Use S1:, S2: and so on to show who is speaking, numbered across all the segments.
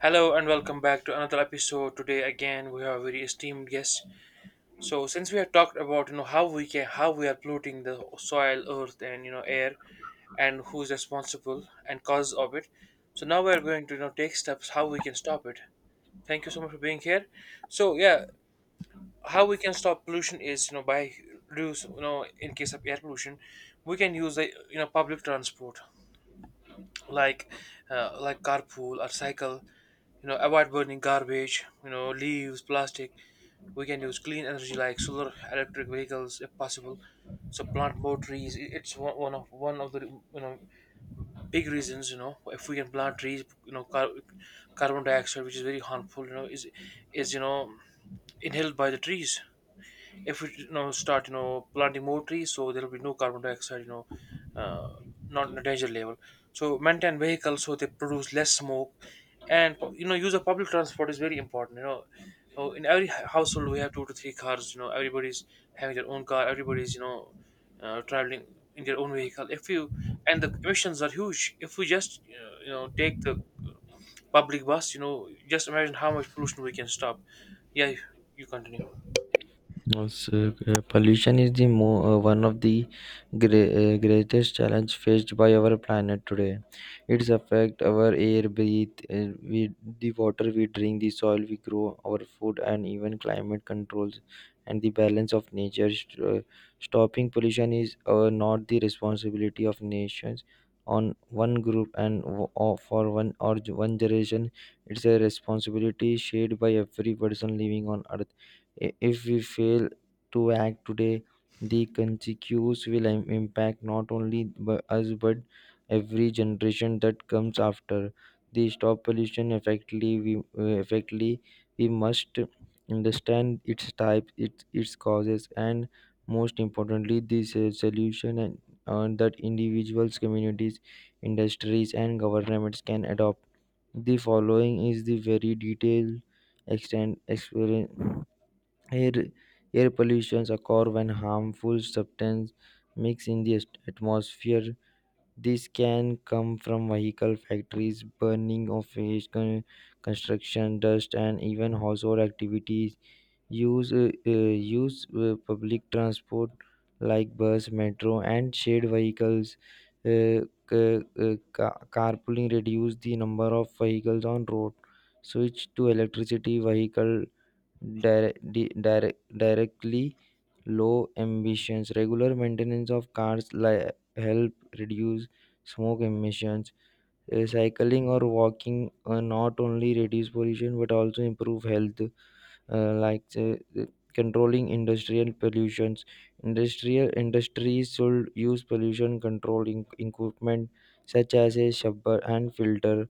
S1: Hello and welcome back to another episode. Today again we have a very esteemed guest. So since we have talked about how we can how we are polluting the soil, earth, and air, and who's responsible and causes of it. So now we are going to take steps how we can stop it. Thank you so much for being here. So yeah, how we can stop pollution is by reduce in case of air pollution, we can use the public transport like carpool or cycle. Avoid burning garbage, leaves, plastic. We can use clean energy like solar, electric vehicles if possible. So plant more trees. It's one of the big reasons. If we can plant trees, carbon dioxide, which is very harmful, is is you know inhaled by the trees. If we start planting more trees, so there will be no carbon dioxide, uh, not in a danger level. So maintain vehicles so they produce less smoke, and use of public transport is very important. Oh, in every household we have two to three cars. Everybody's having their own car, everybody's traveling in their own vehicle. If you And the emissions are huge. If we just take the public bus, just imagine how much pollution we can stop. Yeah, you continue.
S2: Also, pollution is one of the greatest challenge faced by our planet today. It's affect our air, breathe, we, the water we drink, the soil we grow, our food, and even climate controls and the balance of nature. Stopping pollution is not the responsibility of nations on one group or for one generation. It's a responsibility shared by every person living on earth. If we fail to act today, the consequences will impact not only us but every generation that comes after. The stop pollution effectively, we must understand its type, its causes, and most importantly, this solution and that individuals, communities, industries, and governments can adopt. The following is the very detailed extent experience. Air, Air pollution occurs when harmful substances mix in the atmosphere. This can come from vehicle factories, burning of waste, construction dust, and even household activities. Use uh, uh, use public transport like bus, metro, and shared vehicles. Uh, ca- Carpooling reduce the number of vehicles on road. Switch to electricity vehicle directly low emissions. Regular maintenance of cars help reduce smoke emissions. Cycling or walking not only reduce pollution but also improve health, uh, like uh, controlling industrial pollutions. Industrial industries should use pollution controlling equipment such as a scrubber and filter,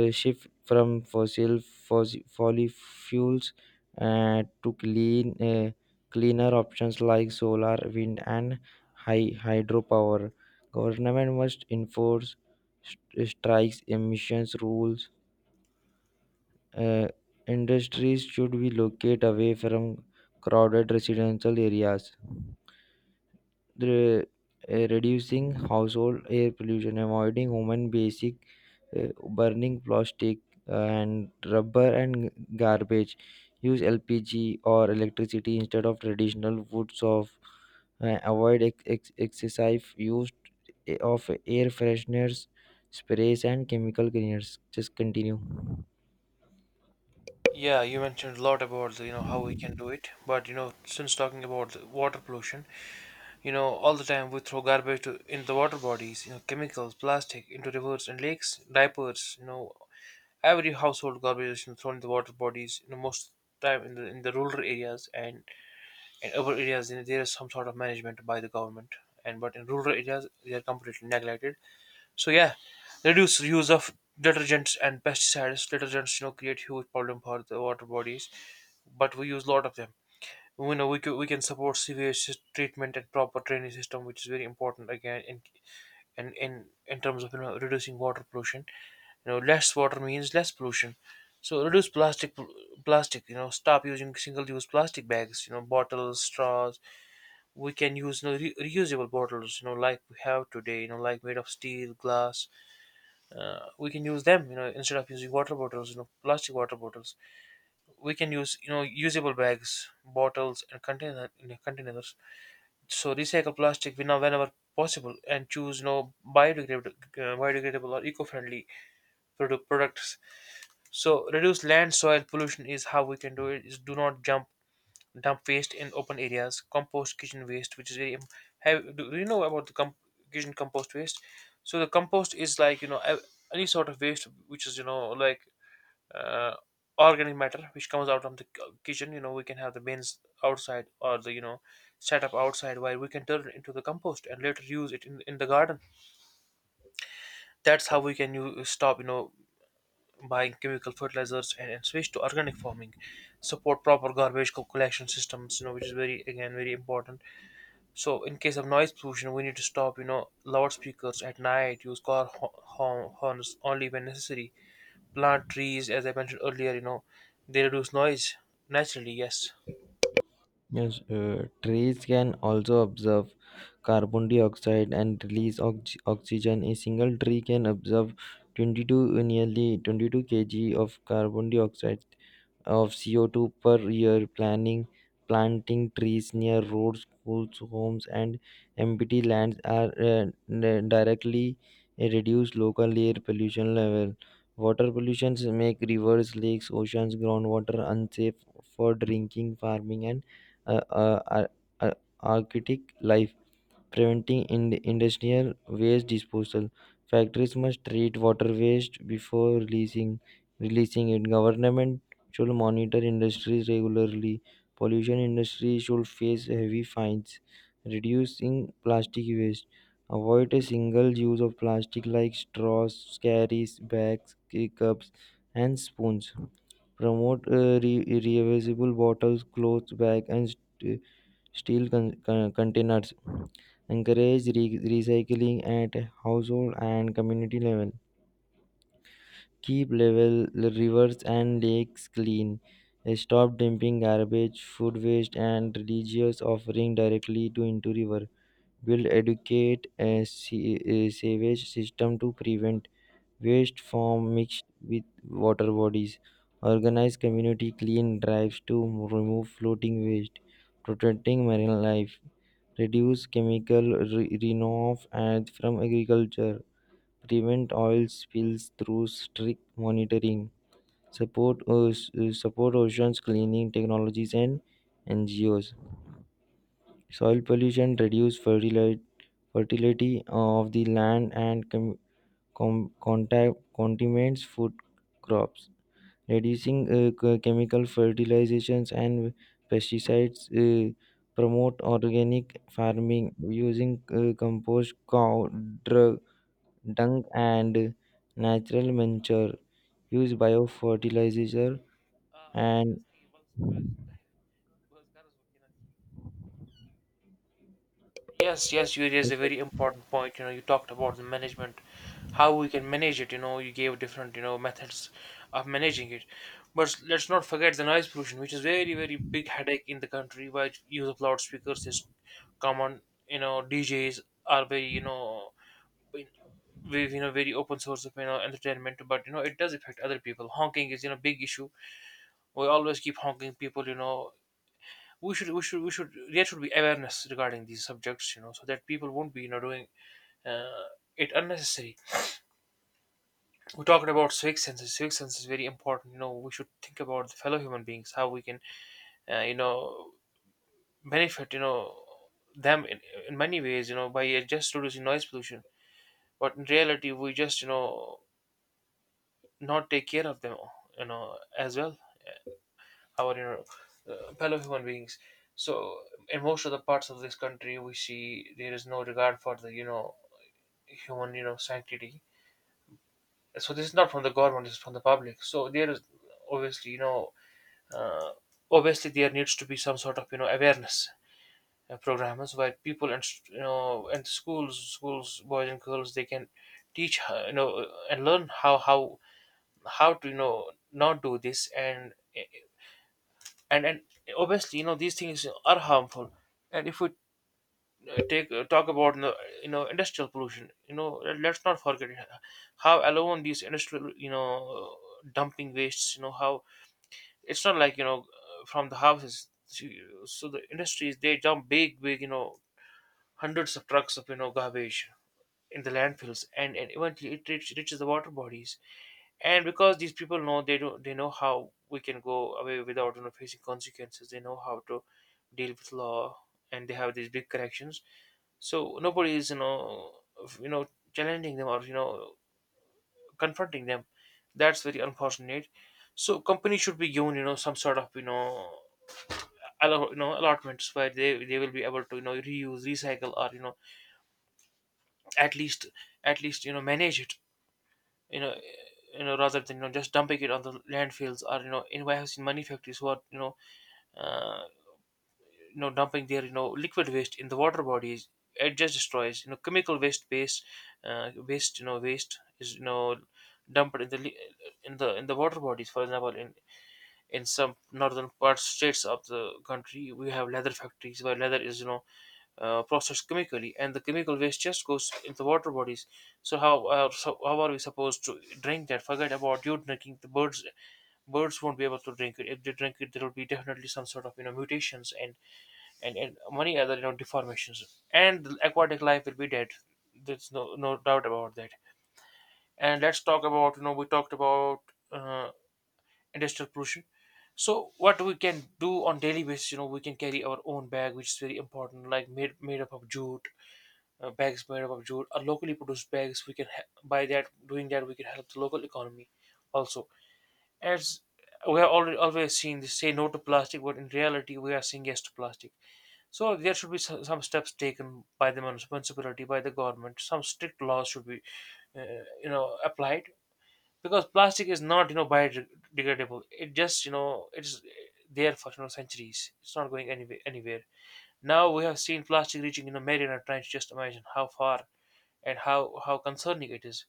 S2: a shift from fossil fuels to cleaner options like solar, wind, and high hydropower. Government must enforce strikes, emissions rules. Uh, Industries should be located away from crowded residential areas, the, reducing household air pollution, avoiding human basic, burning plastic, and rubber and garbage. Use LPG or electricity instead of traditional woods. Of Avoid excessive use, of air fresheners, sprays and chemical cleaners. Just continue.
S1: Yeah, you mentioned a lot about the, how we can do it, but since talking about the water pollution, all the time we throw garbage in the water bodies, chemicals, plastic into rivers and lakes, diapers, every household garbage is, thrown in the water bodies. Most time in the rural areas, and in urban areas, there is some sort of management by the government, and but in rural areas they are completely neglected. So yeah, reduce use of detergents and pesticides. Detergents, create huge problem for the water bodies, but we use a lot of them. We can, support severe treatment and proper training system, which is very important again in in terms of reducing water pollution. Less water means less pollution. So reduce plastic, plastic. Stop using single-use plastic bags, bottles, straws. We can use, reusable bottles, like we have today, like made of steel, glass. We can use them, instead of using water bottles, plastic water bottles. We can use usable bags, bottles and containers. So recycle plastic whenever possible, and choose biodegradable or eco-friendly, products. So reduce land soil pollution. Is how we can do it is do not jump dump waste in open areas, compost kitchen waste, which is very have, do you know about the kitchen compost waste? So the compost is like, any sort of waste which is uh, organic matter which comes out from the kitchen. We can have the bins outside, or the, set up outside, where we can turn it into the compost and later use it in the garden. That's how we can you stop, buying chemical fertilizers, and switch to organic farming. Support proper garbage collection systems, which is very, again, very important. So in case of noise pollution, we need to stop, loudspeakers at night, use car horns only when necessary, plant trees, as I mentioned earlier. They reduce noise naturally, yes.
S2: Yes, trees can also absorb carbon dioxide and release oxygen. A single tree can absorb 22 uh, nearly 22 kg of carbon dioxide, of CO2, per year. Planning Planting trees near roads, schools, homes, and empty lands are directly reduce local air pollution level. Water pollutions make rivers, lakes, oceans, groundwater unsafe for drinking, farming, and uh, uh, ar- aquatic life, preventing industrial waste disposal. Factories must treat water waste before releasing it. Government should monitor industries regularly. Pollution industry should face heavy fines. Reducing plastic waste. Avoid a single use of plastic like straws, carries, bags, cups, and spoons. Promote reusable bottles, clothes, bags, and containers, encourage recycling at household and community level. Keep level rivers and lakes clean. Stop dumping garbage, food waste, and religious offering directly to into river. Build educate a sewage system to prevent waste from mixed with water bodies. Organize community clean drives to remove floating waste, protecting marine life, reduce chemical runoff and from agriculture, prevent oil spills through strict monitoring, support oceans cleaning technologies and NGOs, soil pollution, reduce fertility of the land and com- com- contact contaminates food crops. Reducing chemical fertilizations and pesticides, promote organic farming using compost, cow drug, dung, and natural manure. Use biofertilizer and
S1: Yes, yes, you raised a
S2: yes.
S1: very important point. You know, you talked about the management, how we can manage it. You gave different, methods of managing it. But let's not forget the noise pollution, which is very, very big headache in the country. By use of loudspeakers is common. You know, DJs are very, very open source of entertainment, but it does affect other people. Honking is, big issue. We always keep honking people. We should we should, there should be awareness regarding these subjects, so that people won't be, doing uh, it unnecessary. We're talking about civic senses. Civic sense is very important. We should think about the fellow human beings, how we can uh, you know benefit, them in many ways, by just reducing noise pollution. But in reality we just, not take care of them, as well, our, fellow human beings. So in most of the parts of this country, we see there is no regard for the, human, sanctity. So this is not from the government; this is from the public. So there is obviously, uh, obviously, there needs to be some sort of, awareness programs where people and, and schools, boys and girls, they can teach, and learn how how to, not do this, and obviously, these things are harmful. And if we, take talk about, industrial pollution, let's not forget how alone these industrial, dumping wastes, how it's not like, from the houses. So the industries, they dump big, hundreds of trucks of, garbage in the landfills, and eventually reaches the water bodies. And because these people know, they do, they know how we can go away without, facing consequences. They know how to deal with law, and they have these big connections. So nobody is, f- you know challenging them, or, confronting them. That's very unfortunate. So companies should be given, some sort of, allotments, where they will be able to, reuse, recycle, or, at least, manage it, you know rather than, just dumping it on the landfills, or in. I have warehousing manufacturers who are, uh, dumping their, liquid waste in the water bodies. It just destroys, chemical waste, base waste, waste is, dumped in the in the water bodies. For example, in some northern parts, states of the country, we have leather factories, where leather is, processed chemically, and the chemical waste just goes into water bodies. So how are we supposed to drink that? Forget about you drinking. The birds won't be able to drink it. If they drink it, there will be definitely some sort of, mutations, and many other, deformations, and the aquatic life will be dead. There's no doubt about that. And let's talk about, we talked about uh, industrial pollution. So what we can do on daily basis, you know, we can carry our own bag, which is very important, like made up of jute, bags made up of jute are locally produced bags. We can by that doing that we can help the local economy. Also, as we have already always seen, this, say no to plastic, but in reality we are saying yes to plastic. So there should be some steps taken by the municipality, by the government. Some strict laws should be, uh, applied, because plastic is not, biodegradable. It just, it's there for, centuries. It's not going anywhere. Anywhere. Now we have seen plastic reaching, Mariana Trench. Just imagine how far, and how concerning it is.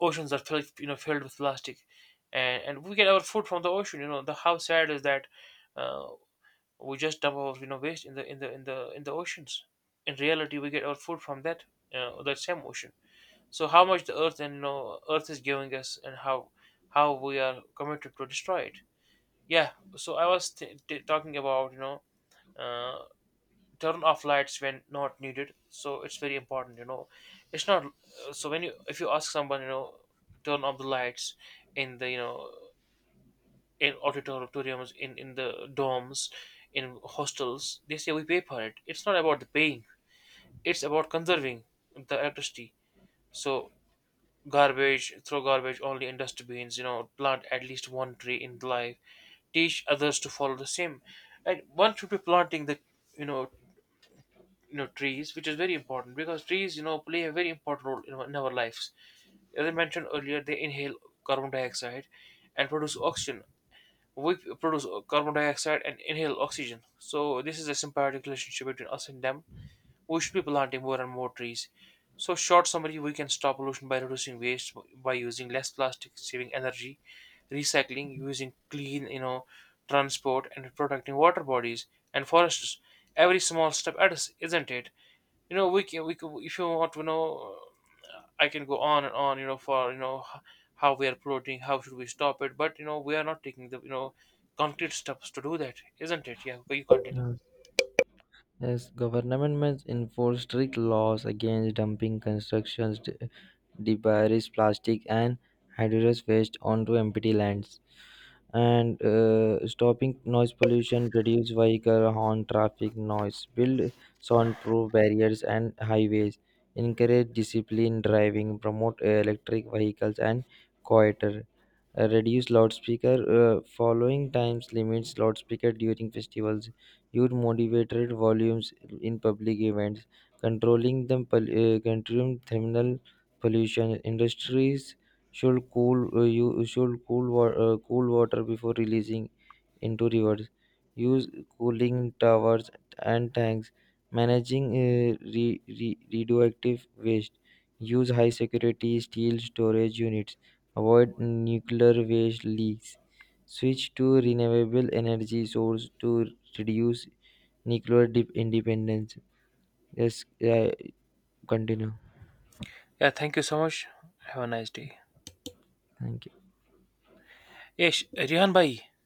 S1: Oceans are filled, filled with plastic, and we get our food from the ocean. You know the How sad is that, uh, we just dump our, waste in the in the in the in the oceans. In reality, we get our food from that same ocean. So how much the earth, and you know earth is giving us, and how we are committed to destroy it. Yeah. So I was talking about, uh, turn off lights when not needed. So it's very important, it's not so when you, if you ask someone, turn off the lights in the, in auditoriums, in the dorms, in hostels, they say we pay for it. It's not about the paying, it's about conserving the electricity. So garbage, throw garbage only in dustbins. Plant at least one tree in life, teach others to follow the same. And one should be planting the, you know trees, which is very important because trees, play a very important role in our lives. As I mentioned earlier, they inhale carbon dioxide and produce oxygen. We produce carbon dioxide and inhale oxygen, so this is a symbiotic relationship between us and them. We should be planting more and more trees. So, short summary: we can stop pollution by reducing waste, by using less plastic, saving energy, recycling, using clean, transport, and protecting water bodies and forests. Every small step adds, isn't it? We can, if you want to know, I can go on and on, you know for you know h- how we are polluting, how should we stop it, but we are not taking the, concrete steps to do that, isn't it? Yeah, you continue.
S2: Yes, government must enforce strict laws against dumping constructions, debris, plastic, and hazardous waste onto empty lands, and stopping noise pollution, reduce vehicle horn traffic noise, build soundproof barriers and highways, encourage disciplined driving, promote electric vehicles and quieter, reduce loudspeaker, following times limits loudspeaker during festivals, use moderated volumes in public events, controlling the controlling thermal pollution industries should cool you should cool cool water before releasing into rivers, use cooling towers and tanks, managing radioactive waste, use high security steel storage units, avoid nuclear waste leaks, switch to renewable energy source to reduce nuclear independence. Yes, yeah, continue.
S1: Yeah, thank you so much. Have a nice day.
S2: Thank you.
S1: Yes, Rehan bhai.